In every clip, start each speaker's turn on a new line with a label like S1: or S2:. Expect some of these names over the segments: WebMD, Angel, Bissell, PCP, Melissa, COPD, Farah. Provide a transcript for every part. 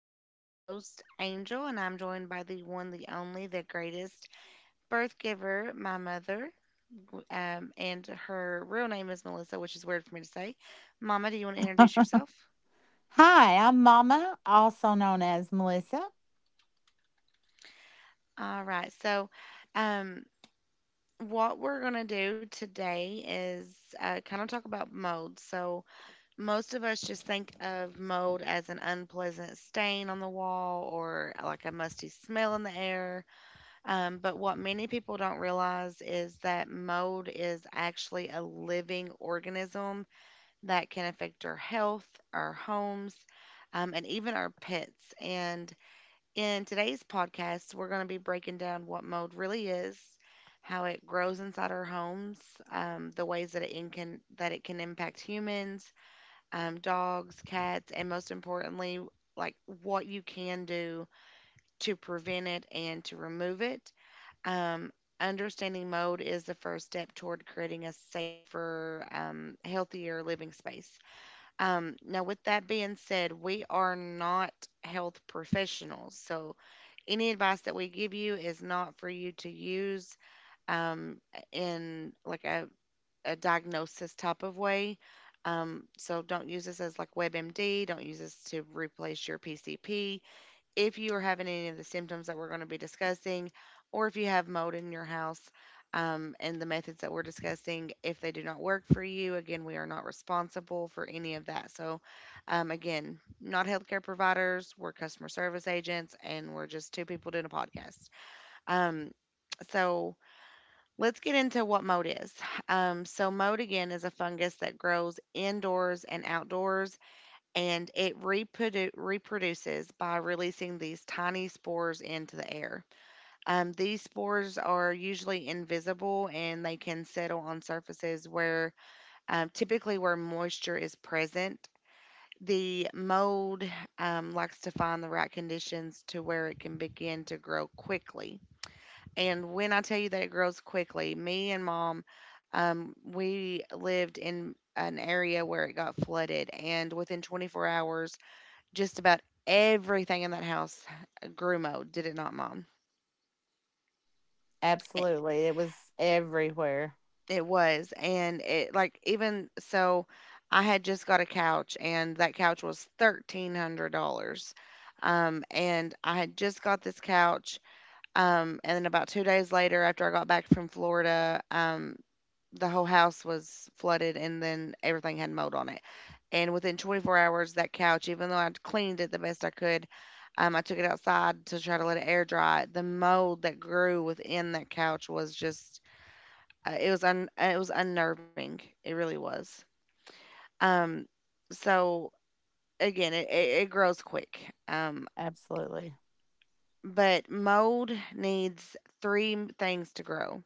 S1: I'm your host, Angel, and I'm joined by the one, the only, the greatest birth giver, my mother. And her real name is Melissa, which is weird for me to say. Mama, do you want to introduce yourself?
S2: Hi, I'm Mama, also known as Melissa.
S1: All right. So, um, what we're going to do today is kind of talk about mold. So, most of us just think of mold as an unpleasant stain on the wall or like a musty smell in the air. But what many people don't realize is that mold is actually a living organism that can affect our health, our homes, and even our pets. And in today's podcast, we're going to be breaking down what mold really is, how it grows inside our homes, the ways that it can impact humans, dogs, cats, and most importantly, like what you can do to prevent it and to remove it. Um, understanding mold is the first step toward creating a safer, healthier living space. Now, with that being said, we are not health professionals. So, any advice that we give you is not for you to use um, in a diagnosis type of way. So, don't use this as like WebMD, don't use this to replace your PCP if you are having any of the symptoms that we're going to be discussing, or if you have mold in your house, and the methods that we're discussing, if they do not work for you, again, we are not responsible for any of that. So, again, not healthcare providers, we're customer service agents, and we're just two people doing a podcast. Um, so, let's get into what mold is. So, mold again is a fungus that grows indoors and outdoors and it reproduces by releasing these tiny spores into the air. These spores are usually invisible and they can settle on surfaces where typically where moisture is present. The mold likes to find the right conditions to where it can begin to grow quickly. And when I tell you that it grows quickly, me and mom, we lived in an area where it got flooded, and within 24 hours, just about everything in that house grew mold, did it not, Mom? It,
S2: Absolutely. It was everywhere.
S1: it was. And it, like, even so, I had just got a couch, and that couch was $1,300. And I had just got this couch. And then about 2 days later, after I got back from Florida, the whole house was flooded and then everything had mold on it. And within 24 hours, that couch, even though I cleaned it the best I could, I took it outside to try to let it air dry. The mold that grew within that couch was just, it was un, it was unnerving. It really was. Um, so again, it grows quick. Um,
S2: Absolutely.
S1: but mold needs three things to grow.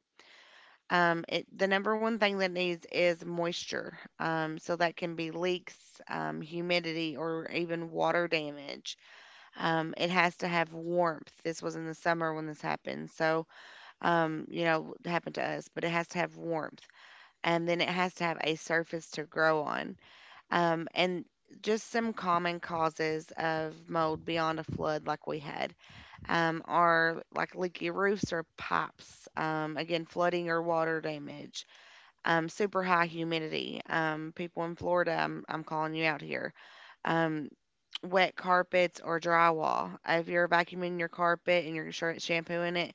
S1: The number one thing that it needs is moisture. So that can be leaks, humidity, or even water damage. It has to have warmth. This was in the summer when this happened. So, you know, it happened to us, but it has to have warmth. And then it has to have a surface to grow on. And just some common causes of mold beyond a flood like we had are like leaky roofs or pipes, again, flooding or water damage, super high humidity. People in Florida, I'm calling you out here. Um, wet carpets or drywall. If you're vacuuming your carpet and you're shampooing it,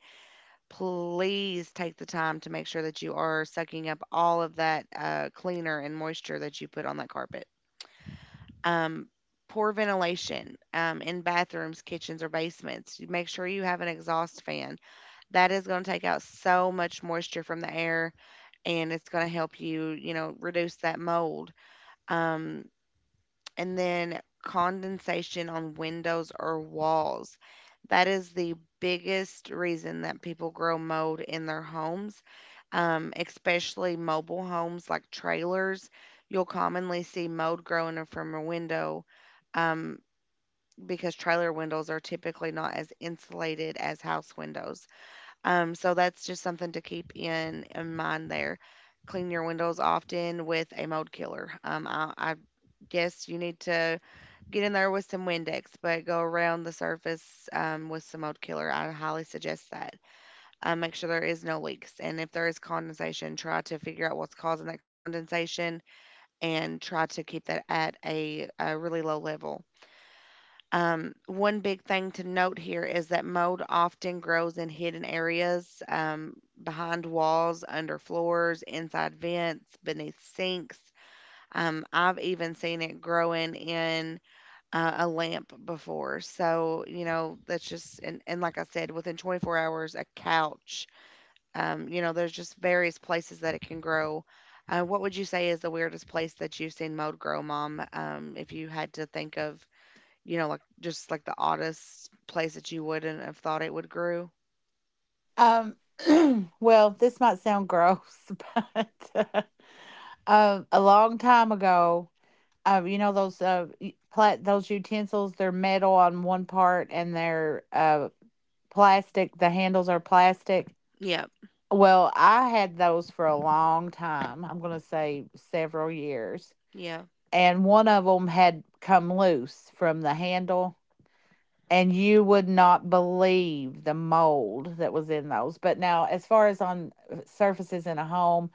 S1: please take the time to make sure that you are sucking up all of that cleaner and moisture that you put on that carpet. Um, poor ventilation in bathrooms, kitchens, or basements. You Make sure you have an exhaust fan. That is going to take out so much moisture from the air and it's going to help you, you know, reduce that mold, um, and then condensation on windows or walls. That is the biggest reason that people grow mold in their homes, especially mobile homes like trailers. You'll commonly see mold growing from a window um, because trailer windows are typically not as insulated as house windows. So that's just something to keep in mind there. Clean your windows often with a mold killer. I guess you need to Get in there with some Windex, but go around the surface with some mold killer. I highly suggest that. Make sure there is no leaks, and if there is condensation, try to figure out what's causing that condensation and try to keep that at a really low level. One big thing to note here is that mold often grows in hidden areas, behind walls, under floors, inside vents, beneath sinks. I've even seen it growing in a lamp before. So, you know, that's just, and like I said, within 24 hours, a couch. You know, there's just various places that it can grow. What would you say is the weirdest place that you've seen mold grow, Mom? If you had to think of, you know, like just like the oddest place that you wouldn't have thought it would grow.
S2: Um well, this might sound gross, but a long time ago, you know those y- plat those utensils, they're metal on one part and they're plastic, the handles are plastic.
S1: Yeah,
S2: Well, I had those for a long time. I'm going to say several years,
S1: yeah,
S2: and one of them had come loose from the handle, and you would not believe the mold that was in those. But now, as far as on surfaces in a home,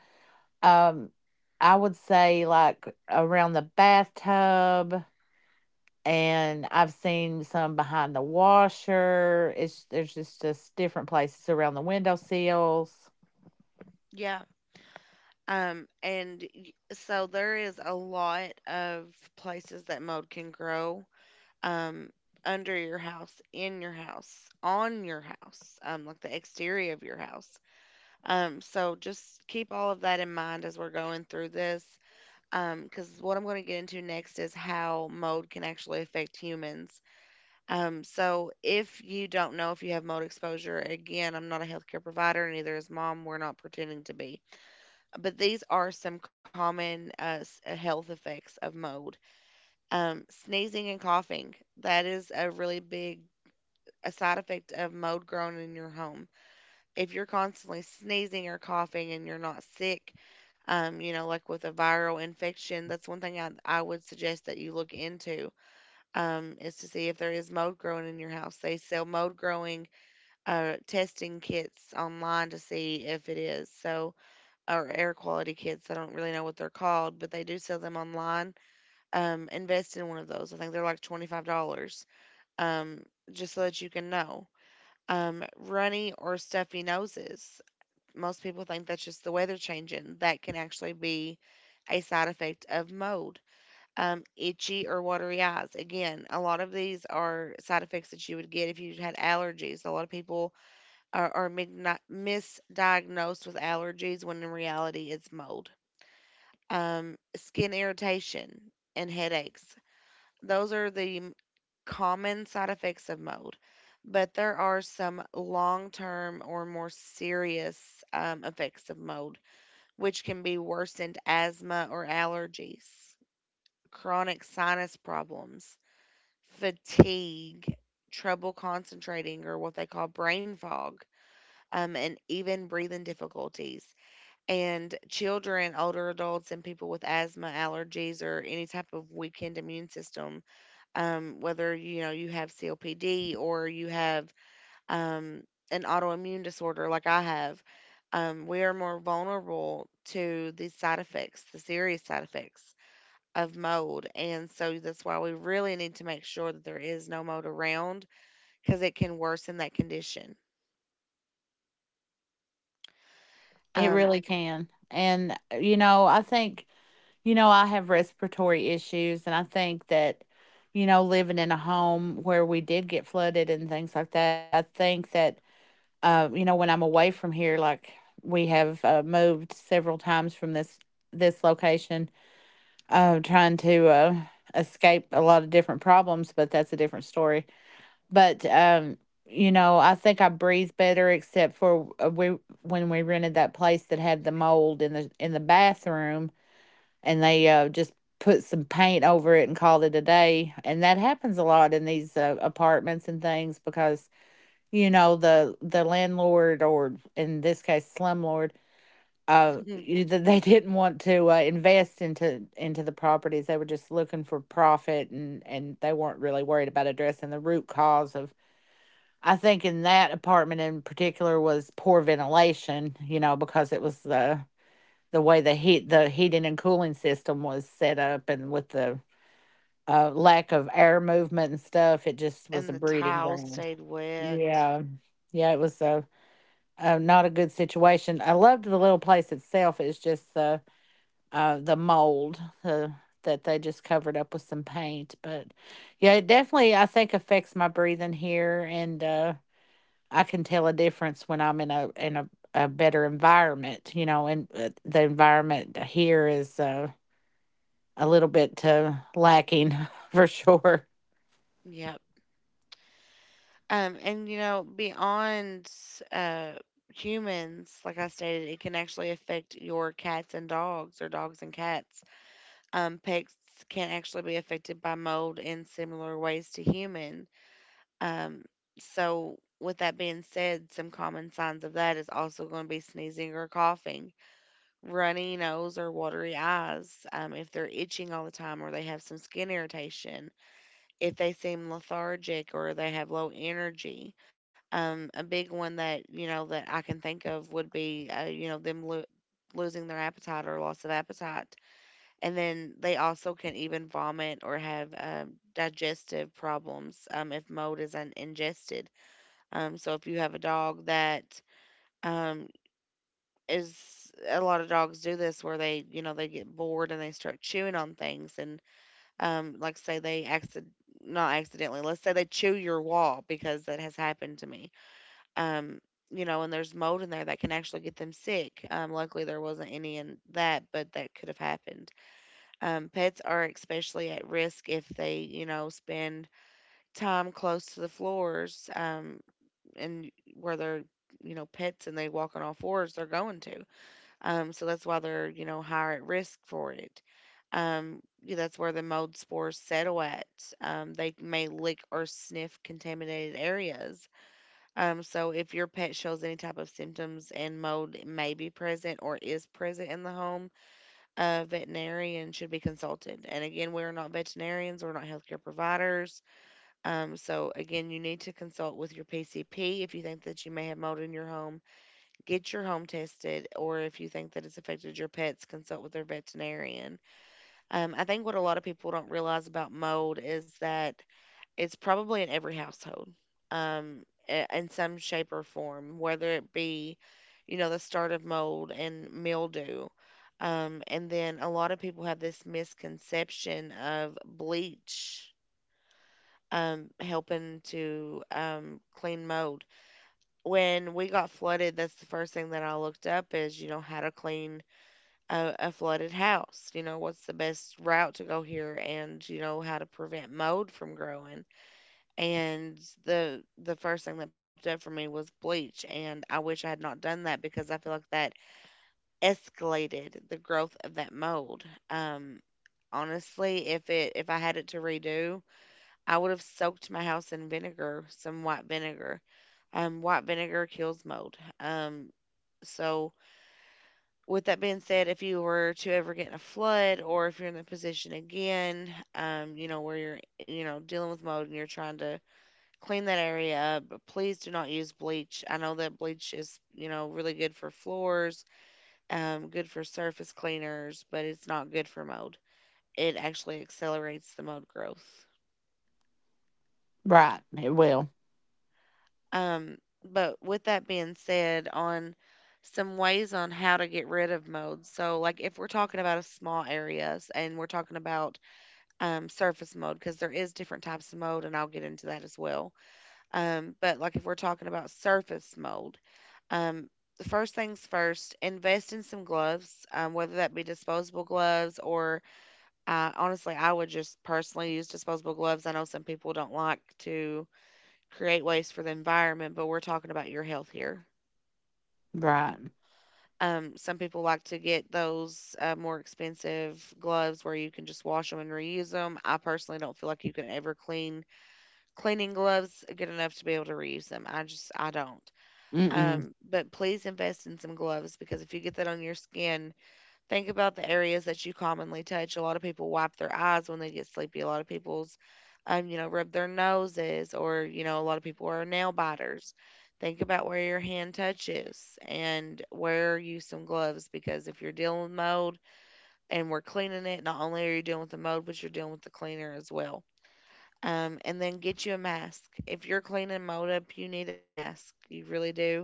S2: um, I would say like around the bathtub, and I've seen some behind the washer. It's There's just different places around the window sills.
S1: yeah. So there is a lot of places that mold can grow, um, under your house, in your house, on your house, like the exterior of your house. So just keep all of that in mind as we're going through this, because what I'm going to get into next is how mold can actually affect humans. So if you don't know if you have mold exposure, again, I'm not a healthcare provider, neither is mom. We're not pretending to be. But these are some common health effects of mold, sneezing and coughing. That is a really big a side effect of mold growing in your home. If you're constantly sneezing or coughing and you're not sick, you know, like with a viral infection, that's one thing I would suggest that you look into, is to see if there is mold growing in your house. They sell mold growing testing kits online to see if it is. So, or air quality kits. I don't really know what they're called, but they do sell them online. Invest in one of those. I think they're like $25, um, just so that you can know. Runny or stuffy noses. Most people think that's just the weather changing. That can actually be a side effect of mold. Itchy or watery eyes. Again, a lot of these are side effects that you would get if you had allergies. A lot of people are misdiagnosed with allergies when in reality it's mold. Skin irritation and headaches. Those are the common side effects of mold, but there are some long term or more serious effects of mold, which can be worsened asthma or allergies, chronic sinus problems, fatigue, trouble concentrating, or what they call brain fog. And even breathing difficulties. And children, older adults, and people with asthma, allergies, or any type of weakened immune system, whether you know you have COPD or you have um, an autoimmune disorder like I have, we are more vulnerable to the side effects, the serious side effects of mold, and so that's why we really need to make sure that there is no mold around because it can worsen that condition.
S2: It
S1: Um,
S2: really can. And you know, I think, you know, I have respiratory issues, and I think that, you know, living in a home where we did get flooded and things like that, I think that, you know, when I'm away from here, like we have moved several times from this location, trying to escape a lot of different problems, but that's a different story. But you know, I think I breathe better, except for we when we rented that place that had the mold in the bathroom, and they just put some paint over it and called it a day. And that happens a lot in these apartments and things because, you know, the landlord, or in this case, slumlord. They didn't want to invest into the properties. They were just looking for profit, and they weren't really worried about addressing the root cause of. I think in that apartment in particular was poor ventilation. You know, because it was the way the heat the heating and cooling system was set up, and with the lack of air movement and stuff, it just was
S1: and
S2: a
S1: the
S2: breeding
S1: towel
S2: ground.
S1: stayed wet.
S2: Yeah, yeah it was a not a good situation. I loved the little place itself. It's just the mold that they just covered up with some paint. But yeah, it definitely, I think, affects my breathing here, and I can tell a difference when I'm in a a better environment, you know. And the environment here is a little bit lacking for sure.
S1: Yep. And you know, beyond uh, humans, like I stated, it can actually affect your cats and dogs, or dogs and cats. Pets can actually be affected by mold in similar ways to human. Um, so, with that being said, some common signs of that is also going to be sneezing or coughing, runny nose or watery eyes. If they're itching all the time or they have some skin irritation if they seem lethargic or they have low energy. A big one that you know that I can think of would be you know them losing their appetite or loss of appetite, and then they also can even vomit or have digestive problems if mold is ingested. So if you have a dog that um, is a lot of dogs do this where they you know they get bored and they start chewing on things and, like say they accident not accidentally, let's say they chew your wall because that has happened to me. Um, you know, and there's mold in there that can actually get them sick. Luckily there wasn't any in that, but that could have happened. Pets are especially at risk if they, you know, spend time close to the floors, and where they're, you know, pets and they walk on all fours, they're going to. So that's why they're, you know, higher at risk for it. Yeah, that's where the mold spores settle at. They may lick or sniff contaminated areas. So if your pet shows any type of symptoms and mold may be present or is present in the home, a veterinarian should be consulted. And again, we're not veterinarians, we're not healthcare providers. So again, you need to consult with your PCP if you think that you may have mold in your home. Get your home tested, or if you think that it's affected your pets, consult with their veterinarian. I think what a lot of people don't realize about mold is that it's probably in every household, in some shape or form, whether it be, you know, the start of mold and mildew. And then a lot of people have this misconception of bleach helping to clean mold. When we got flooded, that's the first thing that I looked up is, you know, how to clean a flooded house. You know, what's the best route to go here and, you know, how to prevent mold from growing. And the first thing that popped up for me was bleach. And I wish I had not done that because I feel like that escalated the growth of that mold. Um Honestly, if I had it to redo, I would have soaked my house in vinegar, some white vinegar. White vinegar kills mold. So, with that being said, if you were to ever get in a flood, or if you're in the position again, you know where you're, you know, dealing with mold and you're trying to clean that area up, but please do not use bleach. I know that bleach is, you know, really good for floors, good for surface cleaners, but it's not good for mold. It actually accelerates the mold growth.
S2: Right, it will.
S1: Um, but with that being said, on some ways on how to get rid of modes. So, like if we're talking about a small areas and we're talking about surface mode, because there is different types of mode, and I'll get into that as well. But like if we're talking about surface mode, um, the first things first, invest in some gloves, whether that be disposable gloves or honestly, I would just personally use disposable gloves. I know some people don't like to create waste for the environment, but we're talking about your health here.
S2: Right.
S1: Some people like to get those more expensive gloves where you can just wash them and reuse them. I personally don't feel like you can ever clean cleaning gloves good enough to be able to reuse them. I just I don't.
S2: Mm-mm.
S1: But please invest in some gloves because if you get that on your skin, think about the areas that you commonly touch. A lot of people wipe their eyes when they get sleepy. A lot of people's, you know, rub their noses, or you know, a lot of people are nail biters. Think about where your hand touches and wear you some gloves because if you're dealing with mold and we're cleaning it, not only are you dealing with the mold, but you're dealing with the cleaner as well. And then get you a mask. If you're cleaning mold up, you need a mask. You really do.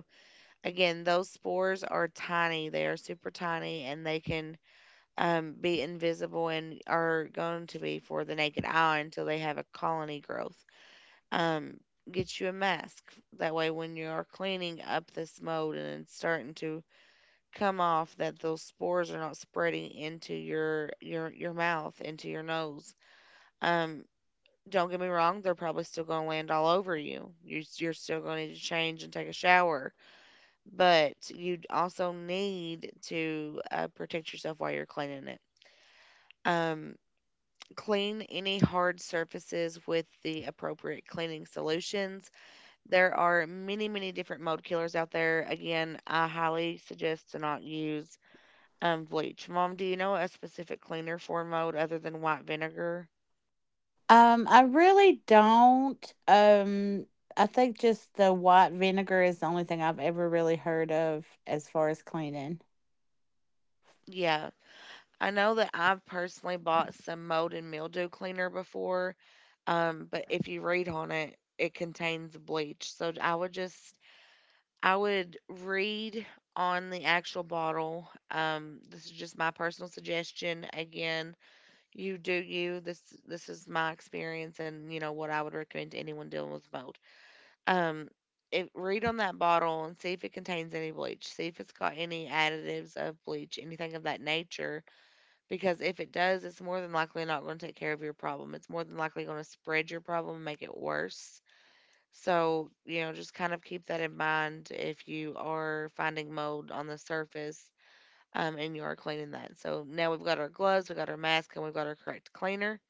S1: Again, those spores are tiny. They are super tiny and they can be invisible and are going to be for the naked eye until they have a colony growth. Um, get you a mask. That way, when you are cleaning up this mold and it's starting to come off, that those spores are not spreading into your mouth, into your nose. Um, don't get me wrong; they're probably still going to land all over you. You're still going to need to change and take a shower, but you also need to protect yourself while you're cleaning it. Um, Clean any hard surfaces with the appropriate cleaning solutions. There are many, many different mold killers out there. Again, I highly suggest to not use bleach. Mom, do you know a specific cleaner for mold other than white vinegar?
S2: I really don't. I think just the white vinegar is the only thing I've ever really heard of as far as cleaning.
S1: Yeah, I know that I've personally bought some mold and mildew cleaner before, but if you read on it, it contains bleach. So I would read on the actual bottle. This is just my personal suggestion. Again, you do you. This is my experience, and you know what I would recommend to anyone dealing with mold. Um, if, Read on that bottle and see if it contains any bleach. See if it's got any additives of bleach, anything of that nature. Because if it does, it's more than likely not going to take care of your problem. It's more than likely going to spread your problem and make it worse. So, you know, just kind of keep that in mind if you are finding mold on the surface and you are cleaning that. So now we've got our gloves, we've got our mask, and we've got our correct cleaner.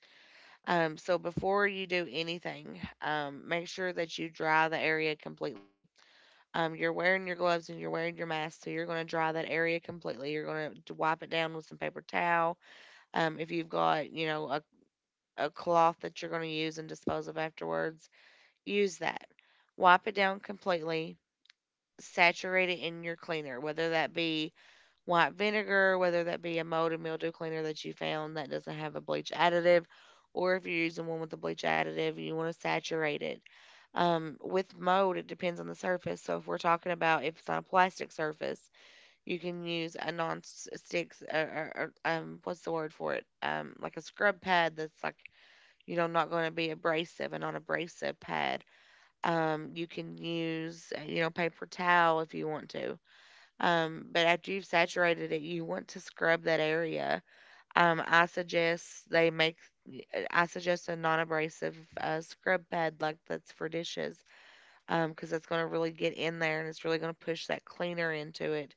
S1: So before you do anything, make sure that you dry the area completely. You're wearing your gloves and you're wearing your mask, so you're going to dry that area completely. You're going to wipe it down with some paper towel. If you've got, you know, a cloth that you're going to use and dispose of afterwards, use that. Wipe it down completely, saturate it in your cleaner, whether that be white vinegar, whether that be a mold and mildew cleaner that you found that doesn't have a bleach additive, or if you're using one with a bleach additive, you want to saturate it. With mold, it depends on the surface. So if we're talking about if it's on a plastic surface, you can use a non-stick, what's the word for it? Like a scrub pad that's like, you know, not going to be abrasive, a non-abrasive pad. You can use, you know, paper towel if you want to. But after you've saturated it, you want to scrub that area. Um, I suggest they make, I suggest a non-abrasive scrub pad like that's for dishes, because that's going to really get in there and it's really going to push that cleaner into it,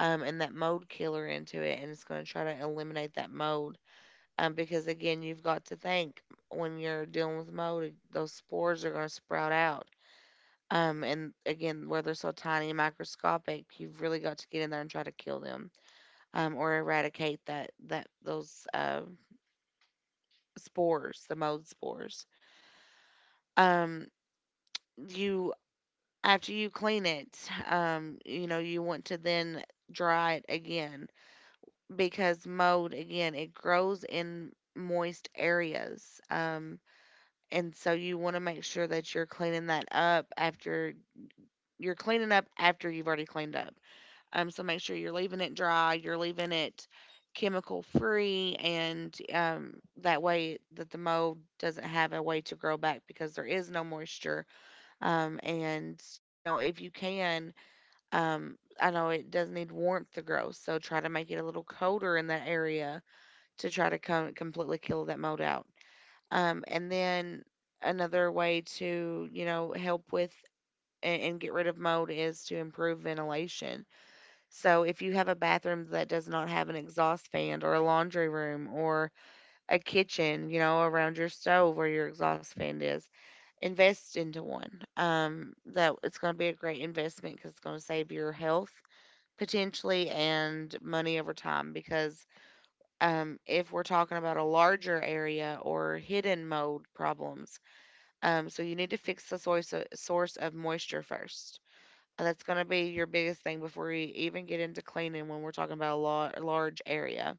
S1: and that mold killer into it, and it's going to try to eliminate that mold. Because again, you've got to think when you're dealing with mold, those spores are going to sprout out. And again, where they're so tiny and microscopic, you've really got to get in there and try to kill them or eradicate that those spores, the mold spores. Um, you After you clean it, you know you want to then dry it again because mold again it grows in moist areas. And so you want to make sure that you're cleaning up after you've already cleaned up. Make sure you're leaving it dry, you're leaving it chemical free, and that way that the mold doesn't have a way to grow back because there is no moisture. And you know, if you can, I know it does need warmth to grow, so try to make it a little colder in that area to try to come completely kill that mold out. And then another way to you know help with and get rid of mold is to improve ventilation. So if you have a bathroom that does not have an exhaust fan or a laundry room or a kitchen, you know, around your stove where your exhaust fan is, invest into one. That it's going to be a great investment because it's going to save your health potentially and money over time. Because if we're talking about a larger area or hidden mold problems, so you need to fix the source of moisture first. And that's going to be your biggest thing before you even get into cleaning when we're talking about a large area.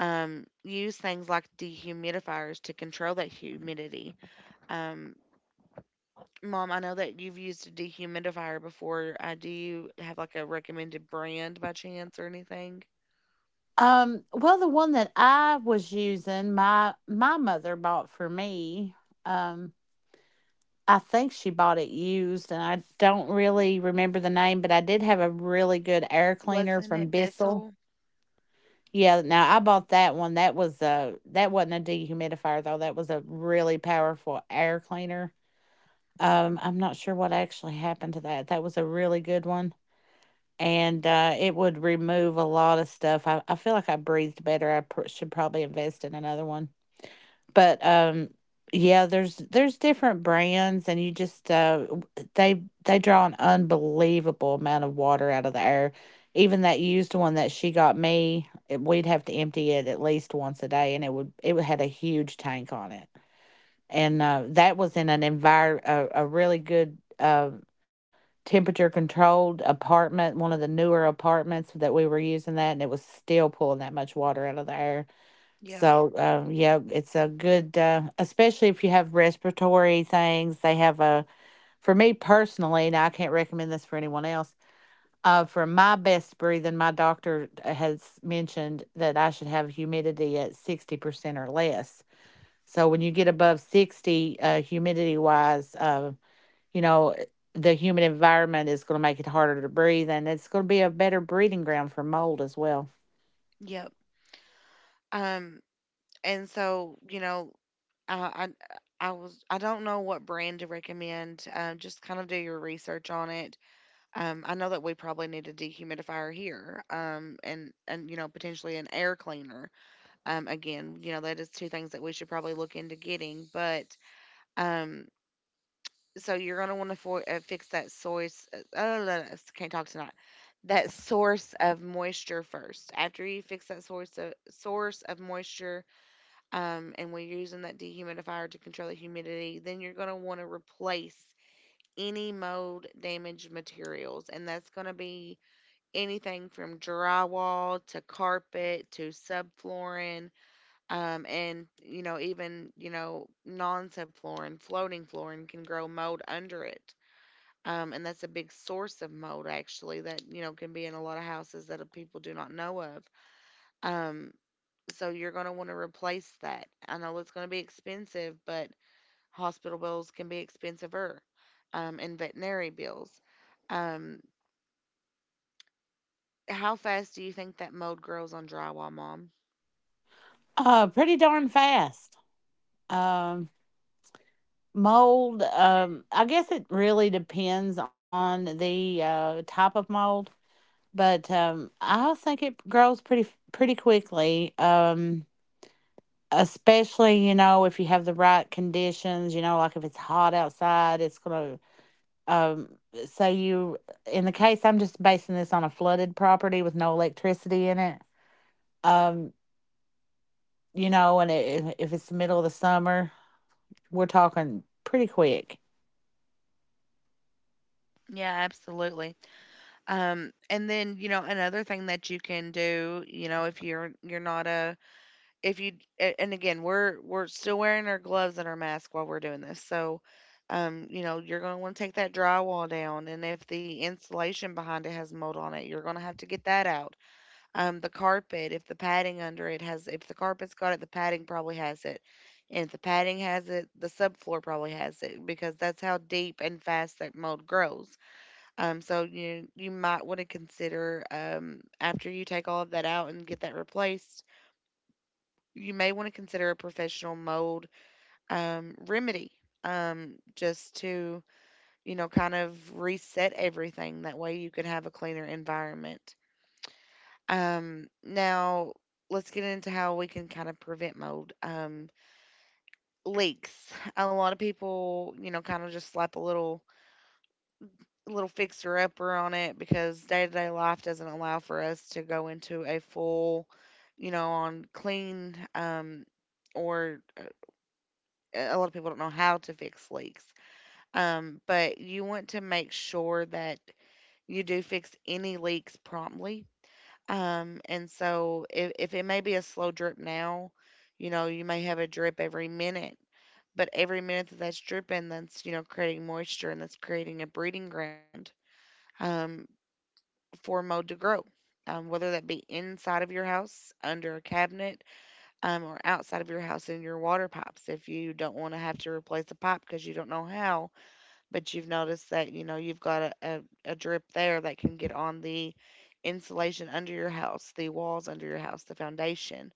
S1: Use things like dehumidifiers to control that humidity. Um, Mom, I know that you've used a dehumidifier before. Do you have like a recommended brand by chance or anything?
S2: Well, the one that I was using, my mother bought for me. Um, I think she bought it used, and I don't really remember the name, but I did have a really good air cleaner
S1: Wasn't
S2: from
S1: it
S2: Bissell.
S1: Bissell?
S2: Yeah, no, I bought that one. That was a that wasn't a dehumidifier though. That was a really powerful air cleaner. I'm not sure what actually happened to that. That was a really good one, and it would remove a lot of stuff. I feel like I breathed better. I pr- should probably invest in another one, but um, yeah, there's different brands, and you just they draw an unbelievable amount of water out of the air. Even that used one that she got me, we'd have to empty it at least once a day, and it had a huge tank on it. And uh, that was in an envir a really good uh, temperature controlled apartment, one of the newer apartments that we were using that, and it was still pulling that much water out of the air.
S1: Yep,
S2: So, yeah, it's a good, especially if you have respiratory things. They have a, for me personally, now I can't recommend this for anyone else. For my best breathing, my doctor has mentioned that I should have humidity at 60% or less. So when you get above 60, humidity wise, you know, the humid environment is going to make it harder to breathe, and it's going to be a better breeding ground for mold as well.
S1: yep. Um, and so you know, I I don't know what brand to recommend. Just kind of do your research on it. I know that we probably need a dehumidifier here, and you know potentially an air cleaner. Again, you know that is two things that we should probably look into getting. But um, so you're gonna want to fix that source. Uh, uh, uh, can't talk tonight. That source of moisture first. After you fix that source of moisture, and we're using that dehumidifier to control the humidity, then you're gonna want to replace any mold damaged materials, and that's gonna be anything from drywall to carpet to subflooring, and you know even you know non-subflooring, floating flooring can grow mold under it. And that's a big source of mold actually that you know can be in a lot of houses that people do not know of. Um, so you're going to want to replace that. I know it's going to be expensive, but hospital bills can be expensiver, and veterinary bills. Um, how fast do you think that mold grows on drywall, Mom?
S2: Pretty darn fast. Um, Mold, I guess it really depends on the type of mold, but I think it grows pretty quickly, especially, you know, if you have the right conditions. You know, like if it's hot outside, it's gonna, um, so you, in the case, I'm just basing this on a flooded property with no electricity in it, um, you know, and I if it's the middle of the summer, we're talking pretty quick.
S1: Yeah, absolutely. And then, you know, another thing that you can do, you know, if you're not a if you and again, we're still wearing our gloves and our mask while we're doing this. So, you know, you're going to want to take that drywall down, and if the insulation behind it has mold on it, you're going to have to get that out. The carpet, if the padding under it has, if the carpet's got it, the padding probably has it. And if the padding has it, the subfloor probably has it because that's how deep and fast that mold grows. So you might want to consider after you take all of that out and get that replaced, you may want to consider a professional mold remedy, just to you know kind of reset everything. That way you can have a cleaner environment. Now let's get into how we can kind of prevent mold, leaks. A lot of people you know kind of just slap a little little fixer upper on it because day to day life doesn't allow for us to go into a full, you know, on clean, or a lot of people don't know how to fix leaks. But you want to make sure that you do fix any leaks promptly. And so if it may be a slow drip now, you know, you may have a drip every minute. But every minute that that's dripping, that's you know creating moisture and that's creating a breeding ground, Um, for mold to grow, whether that be inside of your house, under a cabinet, or outside of your house in your water pipes. If you don't want to have to replace a pipe because you don't know how, but you've noticed that you know you've got a drip there that can get on the insulation under your house, the walls under your house, the foundation,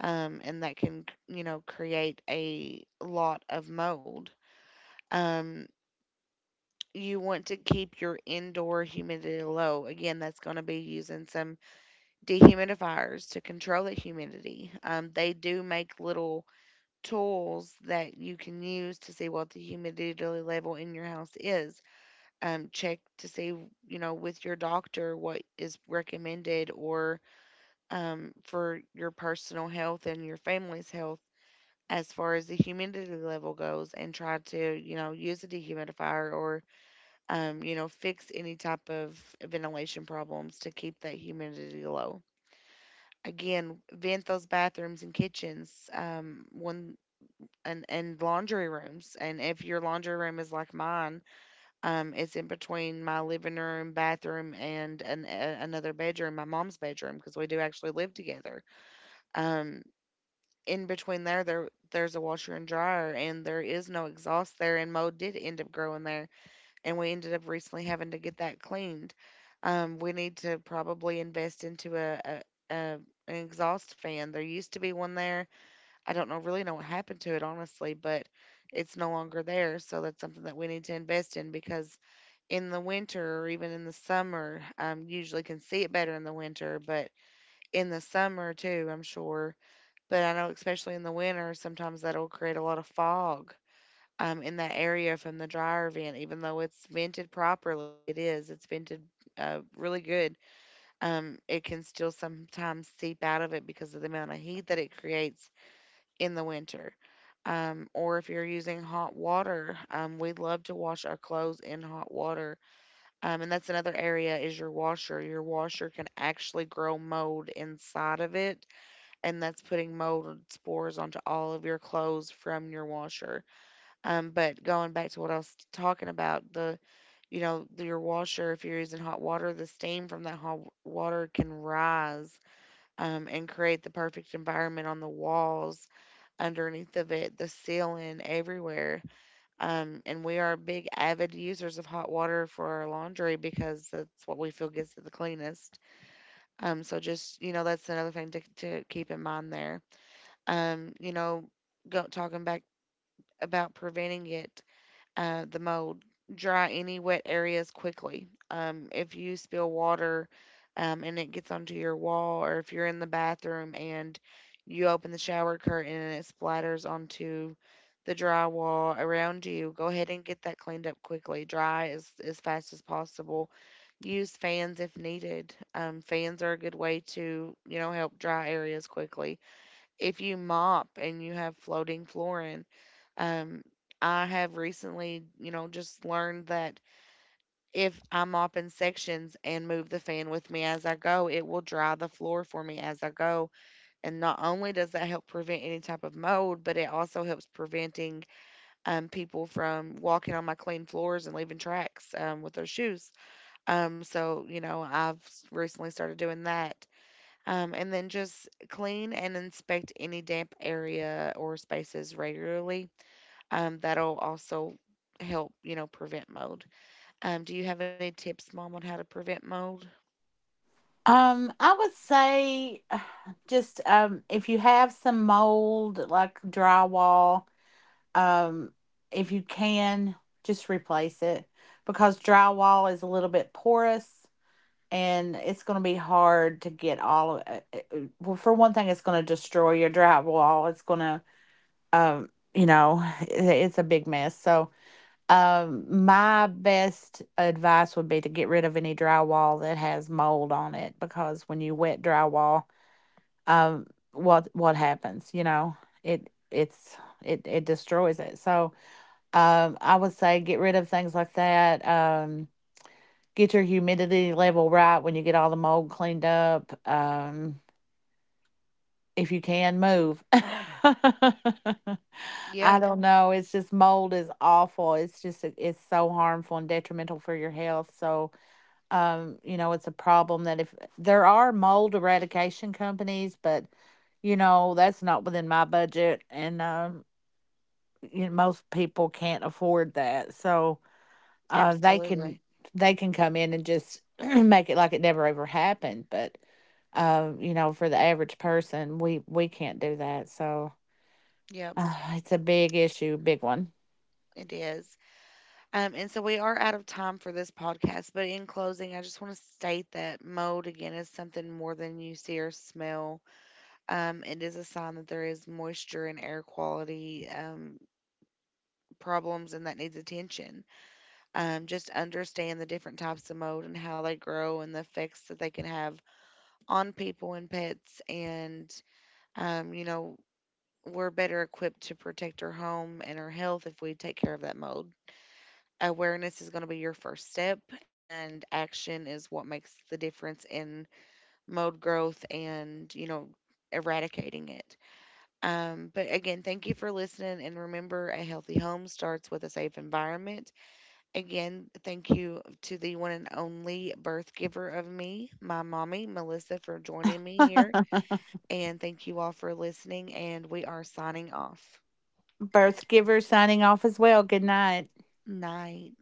S1: and that can you know create a lot of mold. Um, you want to keep your indoor humidity low. Again, that's going to be using some dehumidifiers to control the humidity. They do make little tools that you can use to see what the humidity level in your house is. Check to see, you know, with your doctor what is recommended or, for your personal health and your family's health as far as the humidity level goes and try to, you know, use a dehumidifier or, you know, fix any type of ventilation problems to keep that humidity low. Again, vent those bathrooms and kitchens, one, and laundry rooms. And if your laundry room is like mine, it's in between my living room, bathroom, and another bedroom, my mom's bedroom, because we do actually live together, um in between there there's a washer and dryer and there is no exhaust there and mold did end up growing there and we ended up recently having to get that cleaned. We need to probably invest into a an exhaust fan. There used to be one there. I don't know really know what happened to it honestly, but it's no longer there. So that's something that we need to invest in because in the winter or even in the summer, usually can see it better in the winter, but in the summer too, I'm sure. But I know especially in the winter, sometimes that'll create a lot of fog, in that area from the dryer vent, even though it's vented properly. It is. It's vented really good. It can still sometimes seep out of it because of the amount of heat that it creates in the winter. Or if you're using hot water, we love to wash our clothes in hot water. And that's another area is your washer. Your washer can actually grow mold inside of it, and that's putting mold spores onto all of your clothes from your washer. But going back to what I was talking about, the your washer, if you're using hot water, the steam from that hot water can rise, and create the perfect environment on the walls, underneath of it, the ceiling, everywhere. And we are big avid users of hot water for our laundry because that's what we feel gets it the cleanest. So just you know that's another thing to keep in mind there. You know, talking back about preventing it, the mold. Dry any wet areas quickly. If you spill water, and it gets onto your wall, or if you're in the bathroom and you open the shower curtain and it splatters onto the drywall around you, go ahead and get that cleaned up quickly. Dry as fast as possible. Use fans if needed. Fans are a good way to, you know, help dry areas quickly. If you mop and you have floating flooring, um, I have recently, you know, just learned that if I mop in sections and move the fan with me as I go, it will dry the floor for me as I go. And not only does that help prevent any type of mold, but it also helps preventing, people from walking on my clean floors and leaving tracks, with their shoes. So, you know, recently started doing that. And then just clean and inspect any damp area or spaces regularly, that'll also help, you know, prevent mold. Do you have any tips, Mom, on how to prevent mold?
S2: I would say just um, if you have some mold like drywall, um, if you can, just replace it, because drywall is a little bit porous, and it's going to be hard to get all of well, for one thing, it's going to destroy your drywall. It's going to um, you know, it's a big mess. So, my best advice would be to get rid of any drywall that has mold on it, because when you wet drywall, um, what happens? You know, it it's it it destroys it. So, I would say get rid of things like that. Get your humidity level right when you get all the mold cleaned up. If you can, move. I
S1: Yeah.
S2: don't know. It's just mold is awful. It's just it's so harmful and detrimental for your health. So, you know, it's a problem that, if there are mold eradication companies, but you know, that's not within my budget, and um, you know, most people can't afford that. So, uh, they can
S1: Absolutely.
S2: they can come in and just make it like it never ever happened. But you know, for the average person, we can't do that. So
S1: Yep,
S2: it's a big issue, big one.
S1: it is. And so we are out of time for this podcast, but in closing, I just want to state that mold, again, is something more than you see or smell. It is a sign that there is moisture and air quality, problems and that needs attention. Just understand the different types of mold and how they grow and the effects that they can have on people and pets, and you know we're better equipped to protect our home and our health if we take care of that mold. Awareness is going to be your first step, and action is what makes the difference in mold growth and you know eradicating it. But again, thank you for listening, and remember, a healthy home starts with a safe environment. Again, thank you to the one and only birth giver of me, my mommy, Melissa, for joining me here. And thank you all for listening. And we are signing off.
S2: Birth giver signing off as well. Good night.
S1: Night.